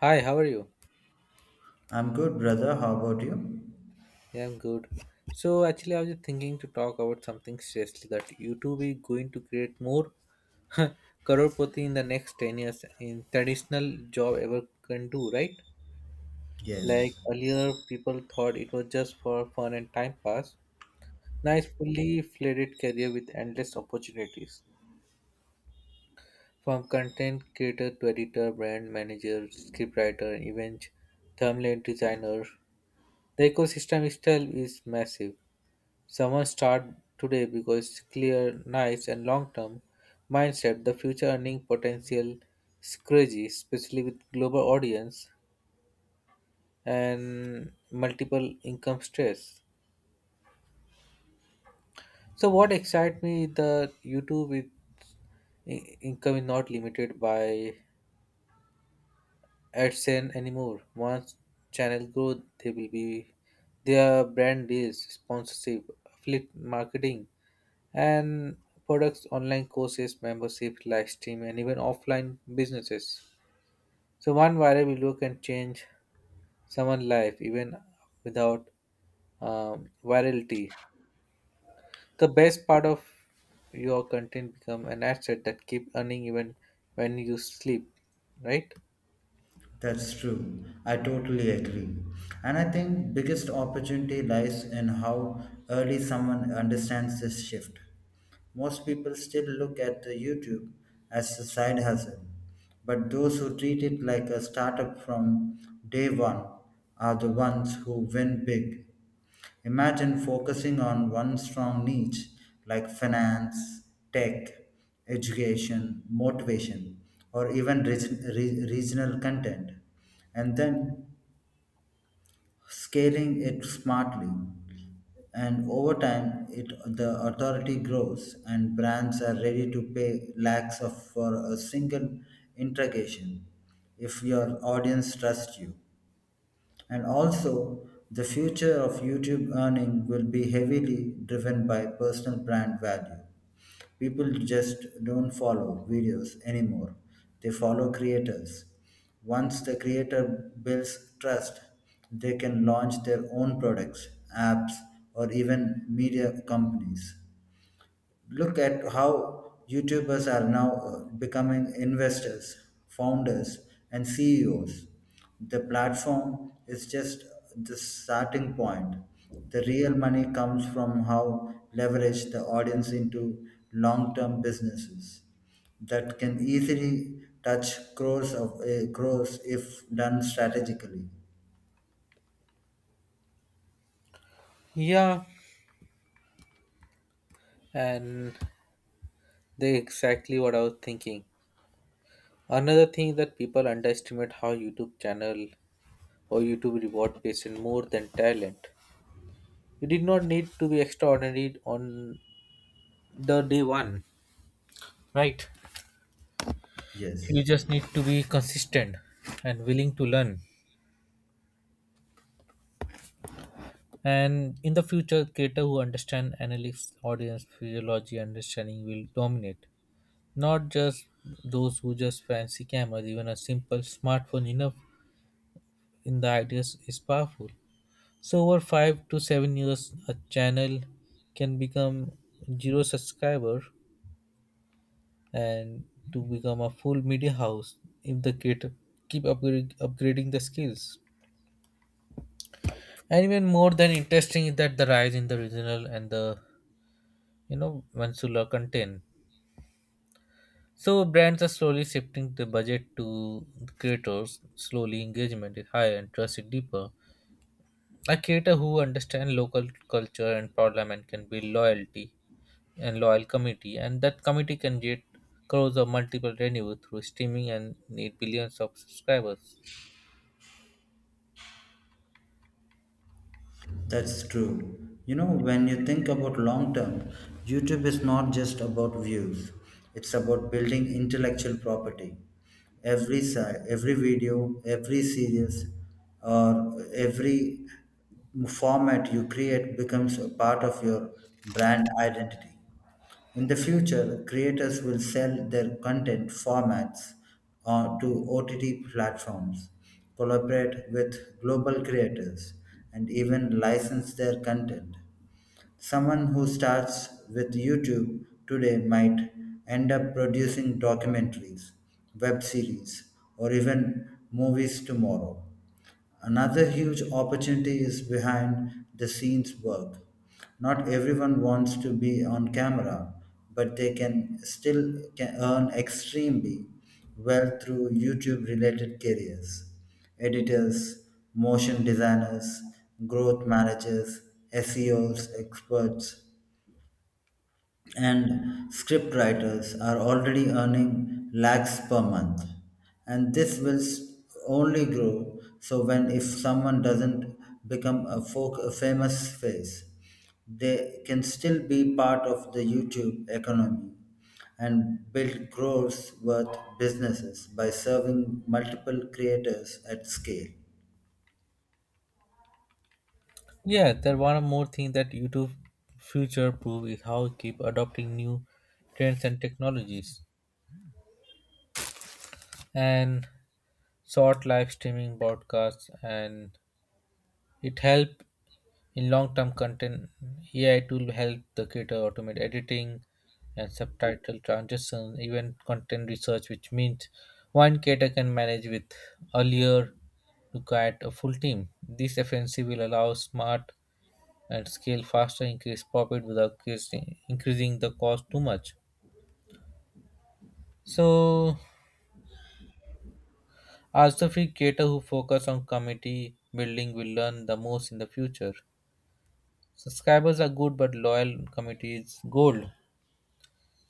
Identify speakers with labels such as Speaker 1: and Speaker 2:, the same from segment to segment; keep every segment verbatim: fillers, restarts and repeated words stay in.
Speaker 1: Hi, how are you?
Speaker 2: I'm good, brother. How about you?
Speaker 1: Yeah, I'm good. So actually, I was just thinking to talk about something seriously, that YouTube is going to create more crorepoti in the next ten years in traditional job ever can do, right? Like
Speaker 2: Yes,
Speaker 1: earlier, people thought it was just for fun and time pass. Now it's fully fledged career with endless opportunities, from content creator to editor, brand manager, scriptwriter, event, thumbnail designer. The ecosystem itself is massive. Someone start today because clear, nice, and long term mindset, the future earning potential is crazy, especially with global audience and multiple income stress. So what excites me the YouTube with i- income is not limited by AdSense anymore. Once channel grow, they will be their brand deals, sponsorship, affiliate marketing, and products, online courses, membership, live stream, and even offline businesses. So one viral video can change someone's life even without um, virality. The best part of your content become an asset that keep earning even when you sleep, right?
Speaker 2: that's true. I totally agree. And I think biggest opportunity lies in how early someone understands this shift. Most people still look at the YouTube as a side hustle, but those who treat it like a startup from day one are the ones who win big. Imagine focusing on one strong niche like finance, tech, education, motivation, or even reg- re- regional content, and then scaling it smartly. And over time, it, the authority grows, and brands are ready to pay lakhs of, for a single interrogation if your audience trusts you. And also, the future of YouTube earning will be heavily driven by personal brand value. People just don't follow videos anymore, they follow creators. Once the creator builds trust, they can launch their own products, apps, or even media companies look at how YouTubers are now uh, becoming investors, founders, and C E Os. The platform is just the starting point. The real money comes from how leverage the audience into long term businesses that can easily touch crores of uh, crores if done strategically.
Speaker 1: Yeah, and they exactly what I was thinking. Another thing that people underestimate how YouTube channel or YouTube reward patient more than talent. You did not need to be extraordinary on the day one, right? You
Speaker 2: Yes.
Speaker 1: just need to be consistent and willing to learn. And in the future, creator who understand analytics, audience physiology understanding will dominate. Not just those who just fancy cameras, even a simple smartphone enough in the ideas is powerful. So over five to seven years, a channel can become zero subscriber and to become a full media house if the creator keep upgrade, upgrading the skills. And even more than interesting is that the rise in the regional and the you know Mansula content, so brands are slowly shifting the budget to the creators. Slowly engagement is higher and trust is deeper. A creator who understands local culture and parliament can build loyalty and loyal community, and that community can get crores of multiple revenue through streaming and need billions of subscribers.
Speaker 2: That's true. You know, when you think about long term, YouTube is not just about views. It's about building intellectual property. Every si- every video, every series, or every format you create becomes a part of your brand identity. In the future, creators will sell their content formats uh, to O T T platforms, collaborate with global creators, and even license their content. Someone who starts with YouTube today might end up producing documentaries, web series, or even movies tomorrow. Another huge opportunity is behind the scenes work. Not everyone wants to be on camera, but they can still can earn extremely well through YouTube related careers. Editors, motion designers, growth managers, S E Os, experts, and script writers are already earning lakhs per month and this will s- only grow so when if someone doesn't become a, folk, a famous face they can still be part of the youtube economy and build growth worth businesses by serving multiple creators at scale.
Speaker 1: Yeah, there one more thing that YouTube future proof is how it keep adopting new trends and technologies, and short live streaming broadcasts, and it help in long term content. A I tool help the creator automate editing and subtitle transition, even content research, which means one creator can manage with earlier required a full team. This efficiency will allow smart and scale faster, increase profit without increasing, increasing the cost too much. So, artistry creators who focus on community building will learn the most in the future. Subscribers are good, but loyal community is gold.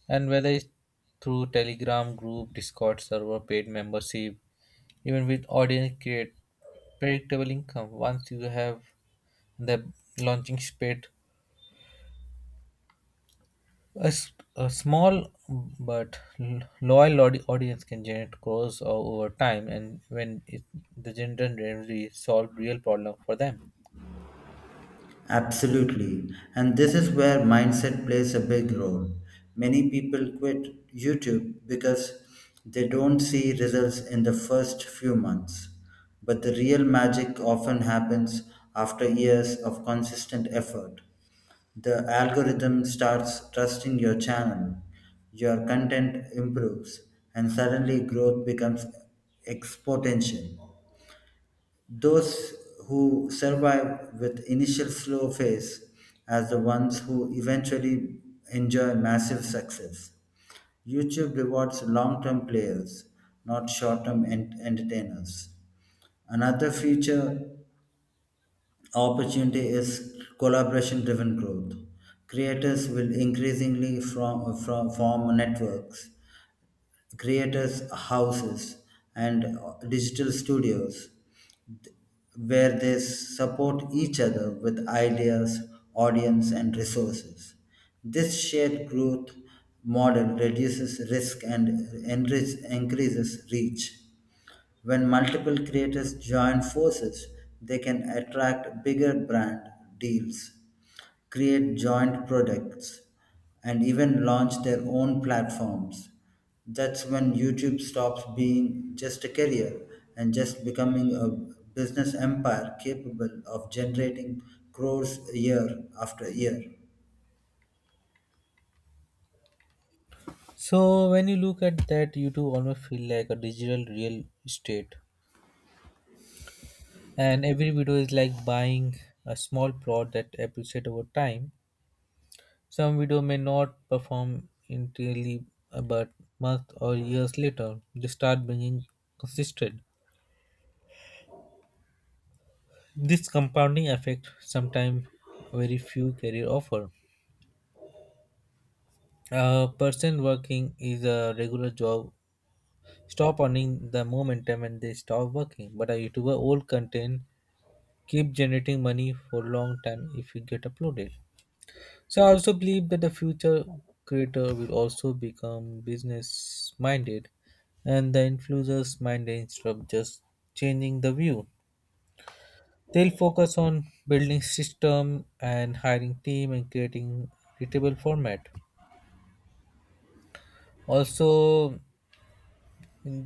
Speaker 1: And whether it's through Telegram group, Discord server, paid membership, even with audience create predictable income. Once you have the launching pad, A, s- a small but l- loyal audi- audience can generate crores o- over time, and when it, the general really solve real problem for them.
Speaker 2: Absolutely. And this is where mindset plays a big role. Many people quit YouTube because they don't see results in the first few months. But the real magic often happens after years of consistent effort. The algorithm starts trusting your channel, your content improves, and suddenly growth becomes exponential. Those who survive with initial slow phase as the ones who eventually enjoy massive success. YouTube rewards long-term players, not short-term ent- entertainers. Another future opportunity is collaboration-driven growth. Creators will increasingly from, from form networks, creators houses, and digital studios where they support each other with ideas, audience, and resources. This shared growth model reduces risk and enrich, increases reach. When multiple creators join forces, they can attract bigger brand deals, create joint products, and even launch their own platforms. That's when YouTube stops being just a career and just becoming a business empire capable of generating crores year after year.
Speaker 1: So when you look at that, YouTube almost feel like a digital real estate, and every video is like buying a small plot that appreciate over time. Some video may not perform entirely, uh, but month or years later, they start bringing consistent. This compounding effect sometimes very few career offer. A person working is a regular job stop earning the momentum and they stop working. But a YouTuber old content keep generating money for long time if it get uploaded. So I also believe that the future creator will also become business minded and the influencers mind instead of just changing the view. They'll focus on building system and hiring team and creating readable format. Also,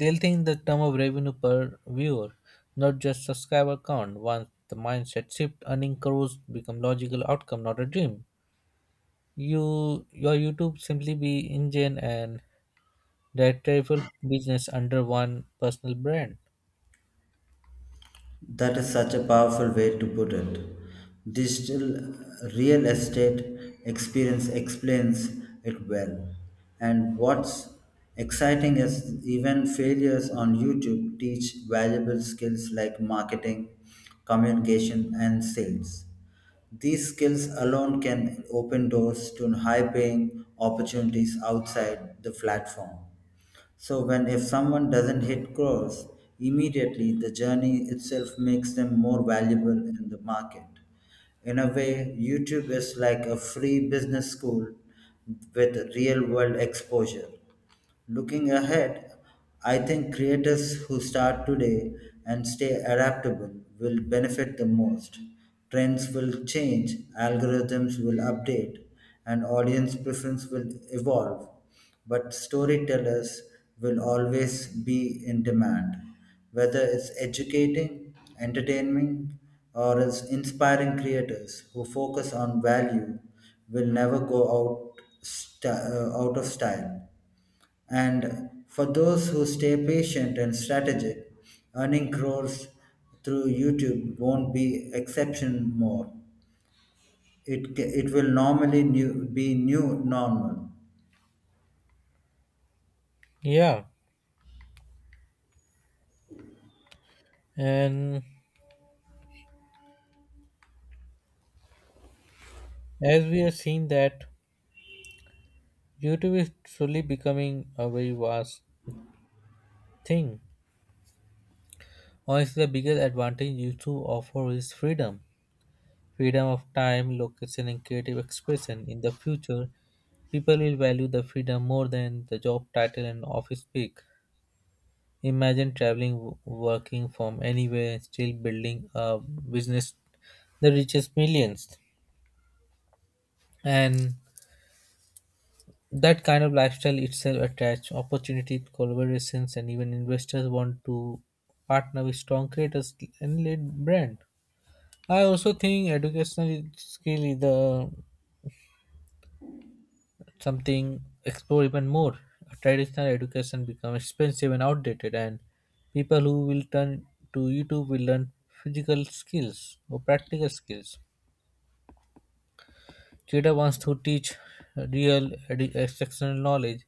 Speaker 1: they'll think the term of revenue per viewer, not just subscriber count. Once the mindset shift, earning crores become logical outcome, not a dream. You your YouTube simply be engine and directorial business under one personal brand.
Speaker 2: That is such a powerful way to put it. Digital real estate experience explains it well. And what's exciting is even failures on YouTube teach valuable skills like marketing, communication, and sales. These skills alone can open doors to high paying opportunities outside the platform. So when if someone doesn't hit goals immediately, the journey itself makes them more valuable in the market. In a way, YouTube is like a free business school with real world exposure. Looking ahead, I think creators who start today and stay adaptable will benefit the most. Trends will change, algorithms will update, and audience preference will evolve. But storytellers will always be in demand, whether it's educating, entertaining, or it's inspiring creators who focus on value will never go out st- uh, out of style. And for those who stay patient and strategic, earning crores through YouTube won't be exception more. It, ca- it will normally new, be new normal.
Speaker 1: Yeah, and as we have seen that YouTube is slowly becoming a very vast thing. Honestly, the biggest advantage YouTube offer is freedom. Freedom of time, location and creative expression. In the future, people will value the freedom more than the job title and office pick. Imagine traveling, w- working from anywhere, and still building a business that reaches millions. And that kind of lifestyle itself attracts opportunity, collaborations, and even investors want to partner with strong creators and lead brand. I also think educational skill is the something explore even more. Traditional education become expensive and outdated, and people who will turn to YouTube will learn physical skills or practical skills. Cheetah wants to teach real edu- exceptional knowledge,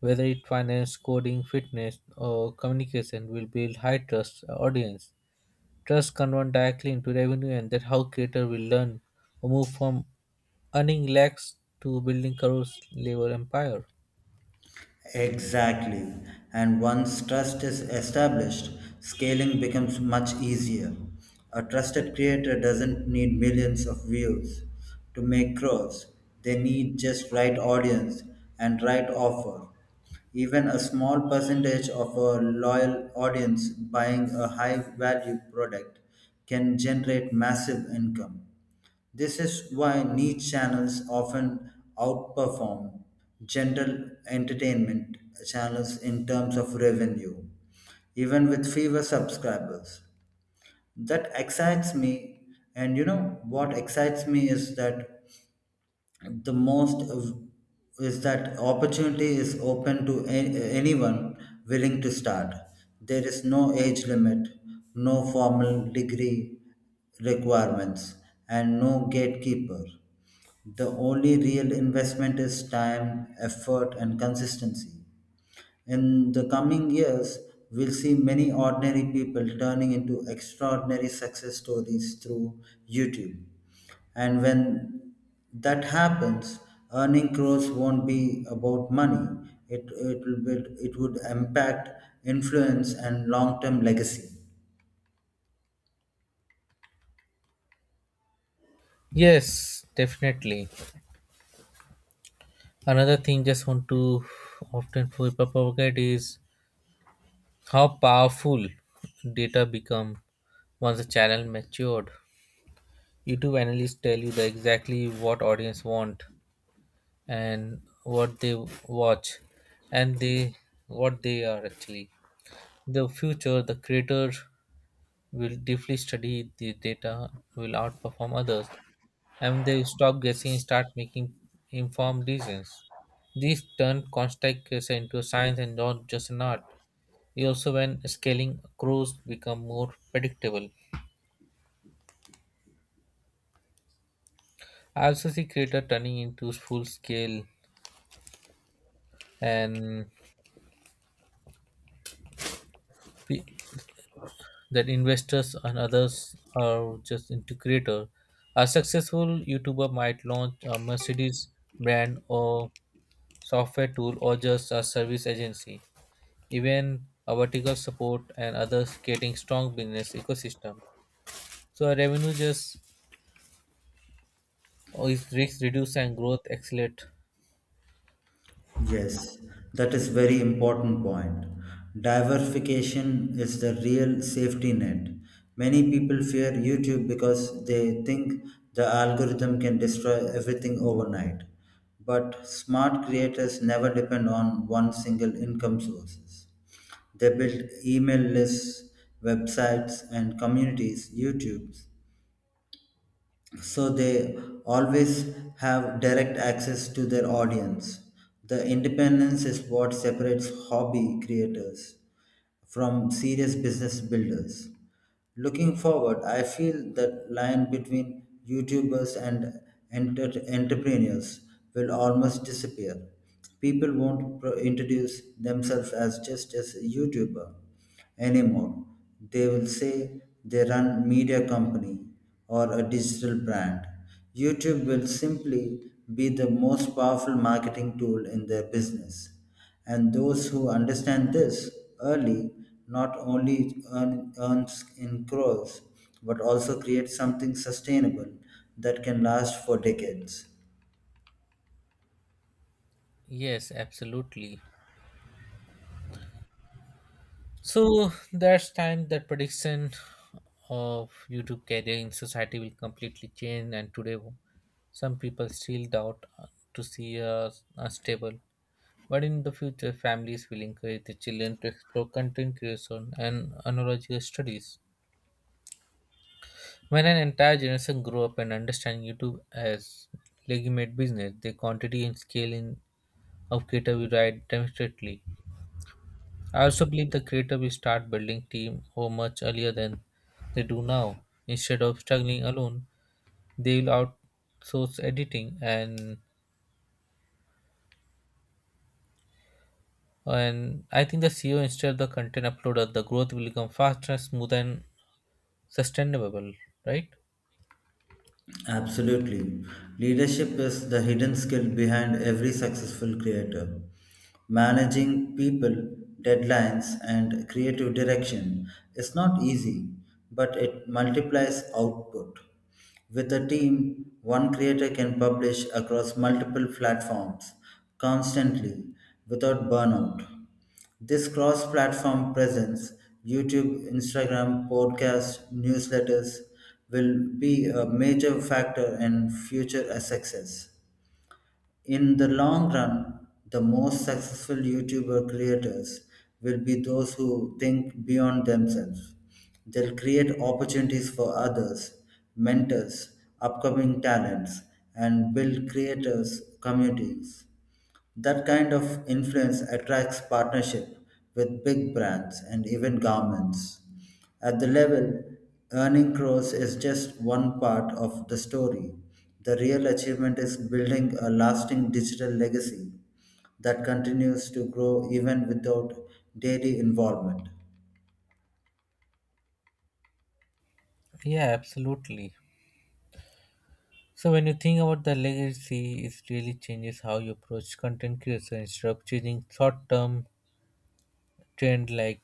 Speaker 1: whether it finance, coding, fitness, or communication, will build high trust audience. Trust convert directly into revenue, and that's how creator will learn or move from earning lakhs to building crores labor empire.
Speaker 2: Exactly. And once trust is established, scaling becomes much easier. A trusted creator doesn't need millions of views to make crores. They need just right audience and right offer. Even a small percentage of a loyal audience buying a high value product can generate massive income. This is why niche channels often outperform general entertainment channels in terms of revenue, even with fewer subscribers. That excites me, and you know what excites me is that the most of- is that opportunity is open to a- anyone willing to start. There is no age limit, no formal degree requirements, and no gatekeeper. The only real investment is time, effort, and consistency. In the coming years, we'll see many ordinary people turning into extraordinary success stories through YouTube. And when that happens, earning crores won't be about money. It, it, will be, it would impact, influence, and long term legacy.
Speaker 1: Yes, definitely. Another thing just want to often for propagate is how powerful data become once the channel matured. YouTube analysts tell you the exactly what audience want and what they watch and they what they are actually. The future, the creator will deeply study the data, will outperform others, and they will stop guessing and start making informed decisions. This turned constant case into a science and not just an art. It also when scaling crews become more predictable. I also see creator turning into full scale and pe- that investors and others are just into creator. A successful YouTuber might launch a Mercedes brand or software tool or just a service agency. Even a vertical support and others creating strong business ecosystem. So our revenue just is risk reduce and growth accelerate.
Speaker 2: Yes, that is very important point. Diversification is the real safety net. Many people fear YouTube because they think the algorithm can destroy everything overnight. But smart creators never depend on one single income sources. They build email lists, websites and communities, YouTubes so they always have direct access to their audience. The independence is what separates hobby creators from serious business builders. Looking forward, I feel that line between YouTubers and enter- entrepreneurs will almost disappear. People won't pro- introduce themselves as just as a YouTuber anymore. They will say they run media company or a digital brand. YouTube will simply be the most powerful marketing tool in their business. And those who understand this early not only earn, earns in crores but also create something sustainable that can last for decades.
Speaker 1: Yes, absolutely. So that's time that prediction of YouTube career in society will completely change, and today some people still doubt uh, to see a, a stable. But in the future, families will encourage the children to explore content creation and analogical studies. When an entire generation grew up and understand YouTube as legitimate business, the quantity and scale in of creator will rise demonstrably. I also believe the creator will start building team or much earlier than they do now. Instead of struggling alone, they will outsource editing, and and I think the C E O instead of the content uploader, the growth will become faster, smoother and sustainable, right?
Speaker 2: Absolutely. Leadership is the hidden skill behind every successful creator. Managing people, deadlines, and creative direction is not easy, but it multiplies output. With a team, one creator can publish across multiple platforms constantly without burnout. This cross platform presence, YouTube, Instagram, podcasts, newsletters, will be a major factor in future success. In the long run, the most successful YouTuber creators will be those who think beyond themselves. They'll create opportunities for others, mentors, upcoming talents, and build creators' communities. That kind of influence attracts partnership with big brands and even governments. At the level, earning crores is just one part of the story. The real achievement is building a lasting digital legacy that continues to grow even without daily involvement.
Speaker 1: Yeah, absolutely. So when you think about the legacy, it really changes how you approach content creation. Instead of chasing short-term trend like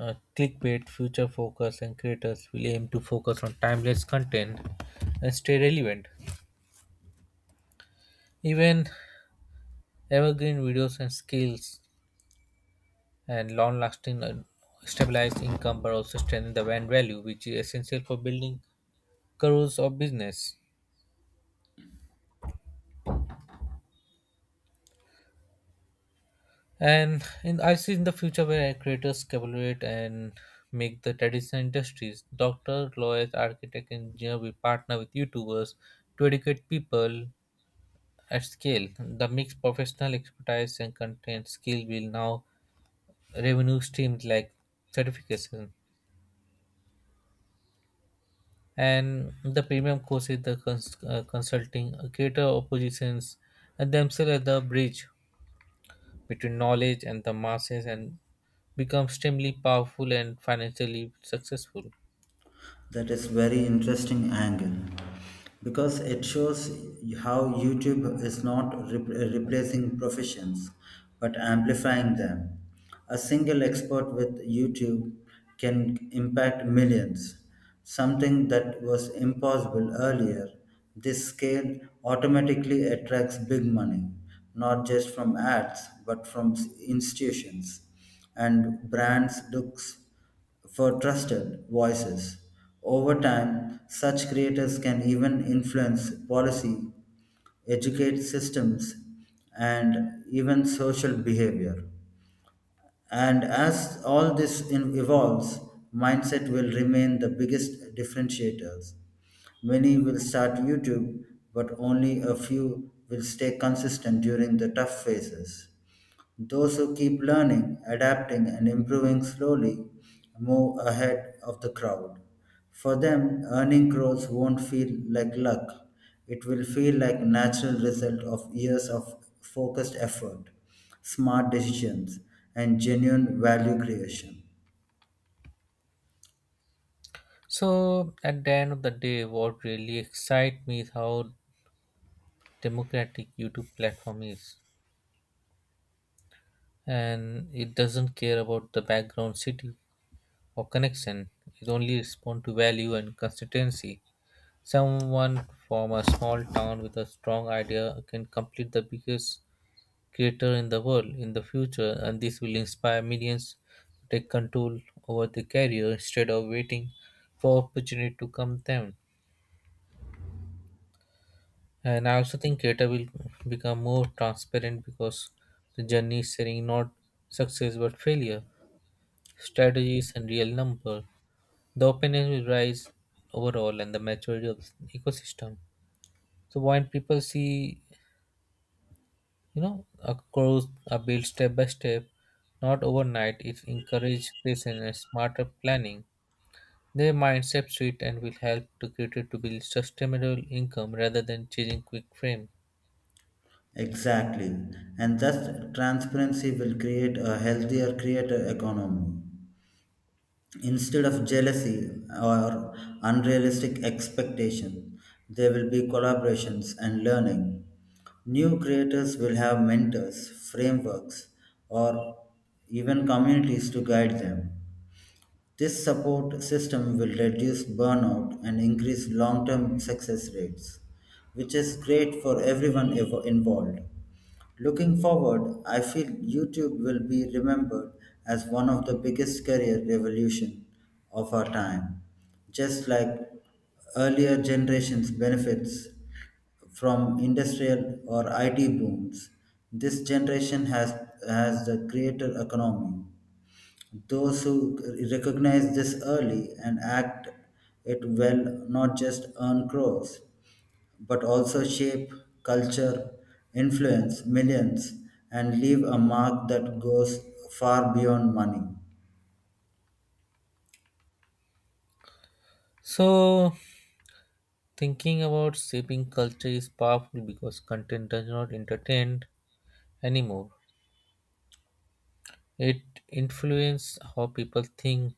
Speaker 1: uh, clickbait, future focus, and creators will aim to focus on timeless content and stay relevant. Even evergreen videos and skills and long-lasting and stabilized income, but also strengthen the brand value, which is essential for building careers or business. And in, I see in the future where creators collaborate and make the traditional industries, doctor, lawyers, architect, engineer will partner with YouTubers to educate people at scale. The mixed professional expertise and content skill will now revenue streams like certification. And the premium courses, the cons- uh, consulting, uh, creator oppositions, and themselves at the bridge between knowledge and the masses and become extremely powerful and financially successful.
Speaker 2: That is very interesting angle because it shows how YouTube is not rep- replacing professions but amplifying them. A single expert with YouTube can impact millions, something that was impossible earlier. This scale automatically attracts big money, not just from ads but from s- institutions and brands looks for trusted voices. Over time, such creators can even influence policy, educate systems, and even social behavior. And as all this in- evolves, mindset will remain the biggest differentiators. Many will start YouTube, but only a few will stay consistent during the tough phases. Those who keep learning, adapting, and improving slowly move ahead of the crowd. For them, earning crores won't feel like luck. It will feel like a natural result of years of focused effort, smart decisions, and genuine value creation.
Speaker 1: So, at the end of the day, what really excites me is how democratic YouTube platform is, and it doesn't care about the background city or connection. It only responds to value and consistency. Someone from a small town with a strong idea can complete the biggest creator in the world in the future, and this will inspire millions to take control over their career instead of waiting for opportunity to come them. And I also think creator will become more transparent because the journey is sharing not success but failure, strategies, and real number. The openness will rise overall and the maturity of the ecosystem. So when people see you know across are built step by step, not overnight, it encourages patience and smarter planning. Their mindset shift and will help to create to build sustainable income rather than chasing quick fame.
Speaker 2: Exactly. And thus transparency will create a healthier creator economy instead of jealousy or unrealistic expectation there will be collaborations and learning new creators will have mentors frameworks or even communities to guide them this support system will reduce burnout and increase long term success rates, which is great for everyone evo- involved. Looking forward, I feel YouTube will be remembered as one of the biggest career revolution of our time. Just like earlier generations benefits from industrial or I T booms, this generation has has the creator economy. Those who recognize this early and act it well not just earn crores but also shape culture, influence millions, and leave a mark that goes far beyond money.
Speaker 1: So thinking about shaping culture is powerful because content does not entertain anymore, it influences how people think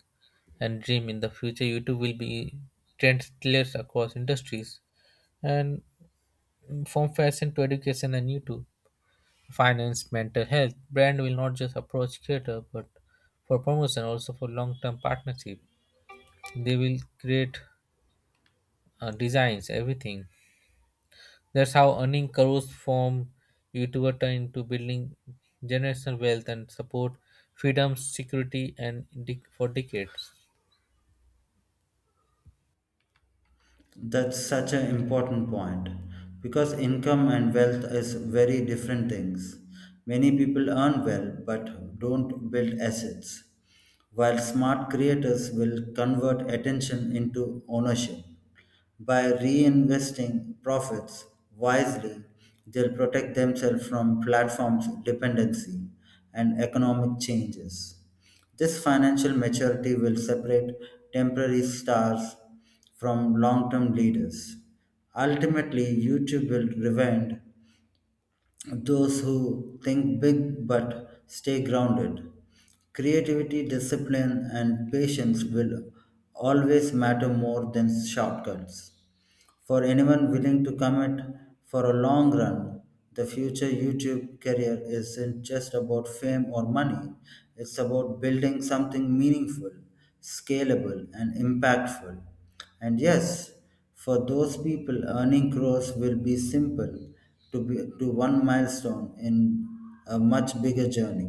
Speaker 1: and dream. In the future, YouTube will be trendsetters across industries, and mm, from fashion to education and YouTube, finance, mental health, brand will not just approach creator but for promotion, also for long-term partnership. They will create uh, designs, everything. That's how earning crores from YouTuber turn into building generational wealth and support freedom, security, and dec- for decades.
Speaker 2: That's such an important point because income and wealth is very different things. Many people earn well but don't build assets, while smart creators will convert attention into ownership. By reinvesting profits wisely, they'll protect themselves from platforms dependency and economic changes. This financial maturity will separate temporary stars from long term leaders. Ultimately, YouTube will revenge those who think big but stay grounded. Creativity, discipline, and patience will always matter more than shortcuts. For anyone willing to commit for a long run, the future YouTube career isn't just about fame or money, it's about building something meaningful, scalable, and impactful. And yes, for those people, earning crores will be simple to, be, to one milestone in a much bigger journey.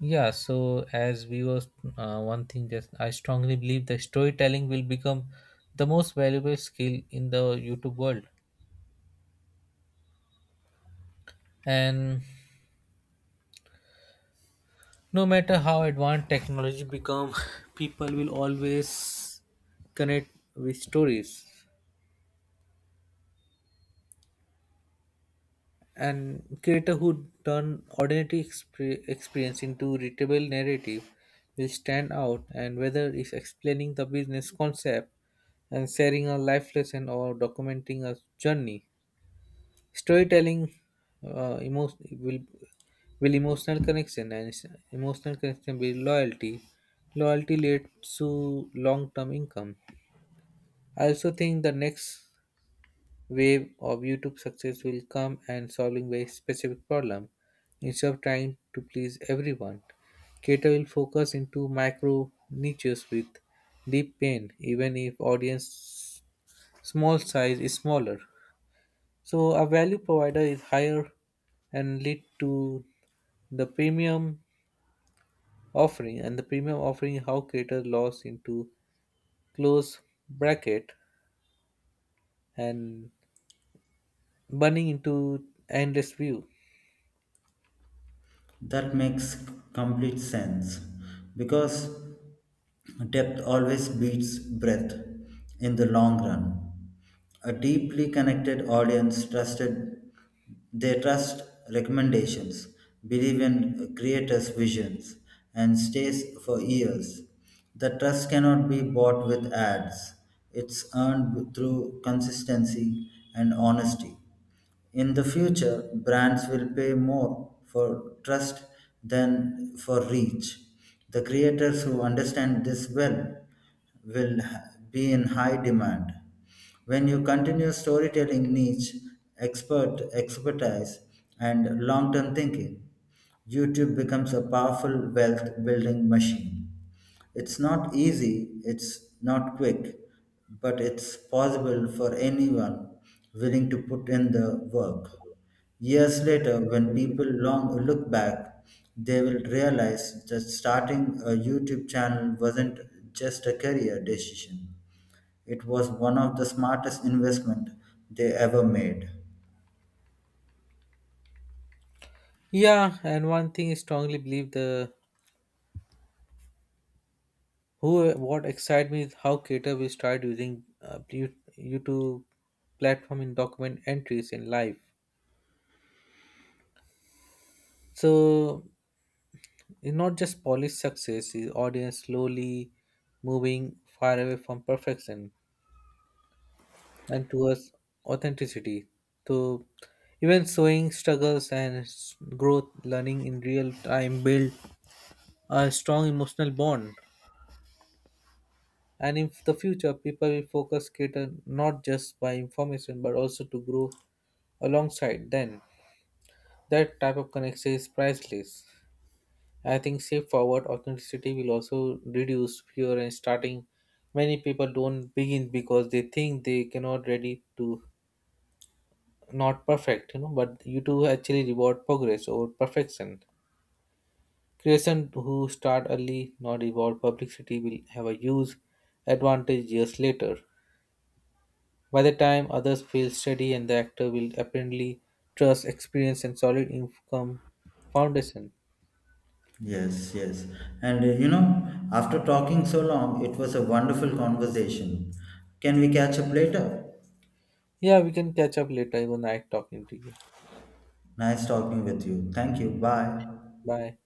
Speaker 1: Yeah, so as we was uh, one thing just I strongly believe that storytelling will become the most valuable skill in the YouTube world. And no matter how advanced technology become, people will always connect with stories, and creator who turn ordinary exp- experience into readable narrative will stand out. And whether it's explaining the business concept and sharing a life lesson or documenting a journey, storytelling uh, emo- will will emotional connection and s- emotional connection will loyalty, loyalty leads to long-term income. I also think the next wave of YouTube success will come and solving very specific problem instead of trying to please everyone. Cater will focus into micro niches with deep pain, even if audience small size is smaller. So a value provider is higher and lead to the premium offering, and the premium offering is how creator loss into close bracket and burning into endless view.
Speaker 2: That makes complete sense because depth always beats breadth in the long run. A deeply connected audience trusted they trust recommendations, believe in creators' visions, and stays for years. The trust cannot be bought with ads. It's earned through consistency and honesty. In the future, brands will pay more for trust than for reach. The creators who understand this well will be in high demand. When you continue storytelling niche, expert expertise, and long term thinking, YouTube becomes a powerful wealth building machine. It's not easy, it's not quick, but it's possible for anyone willing to put in the work. Years later, when people long look back, they will realize that starting a YouTube channel wasn't just a career decision. It was one of the smartest investment they ever made.
Speaker 1: Yeah, and one thing I strongly believe the who what excited me is how creator will start using uh, you- YouTube platform in document entries in life. So it's not just polished success; is audience slowly moving far away from perfection and towards authenticity. So even showing struggles and s- growth, learning in real time build a strong emotional bond. And in the future, people will focus Cater not just by information but also to grow alongside then. That type of connection is priceless. I think safe forward authenticity will also reduce fear and starting. Many people don't begin because they think they cannot ready to not perfect, you know, but you do actually reward progress over perfection. Creation who start early, not reward publicity, will have a huge advantage years later. By the time others feel steady and the actor will apparently trust experience and solid income foundation.
Speaker 2: Yes, yes. And uh, you know, after talking so long, it was a wonderful conversation. Can we catch up later?
Speaker 1: Yeah, we can catch up later even I talking to you.
Speaker 2: Nice talking with you. Thank you. Bye.
Speaker 1: Bye.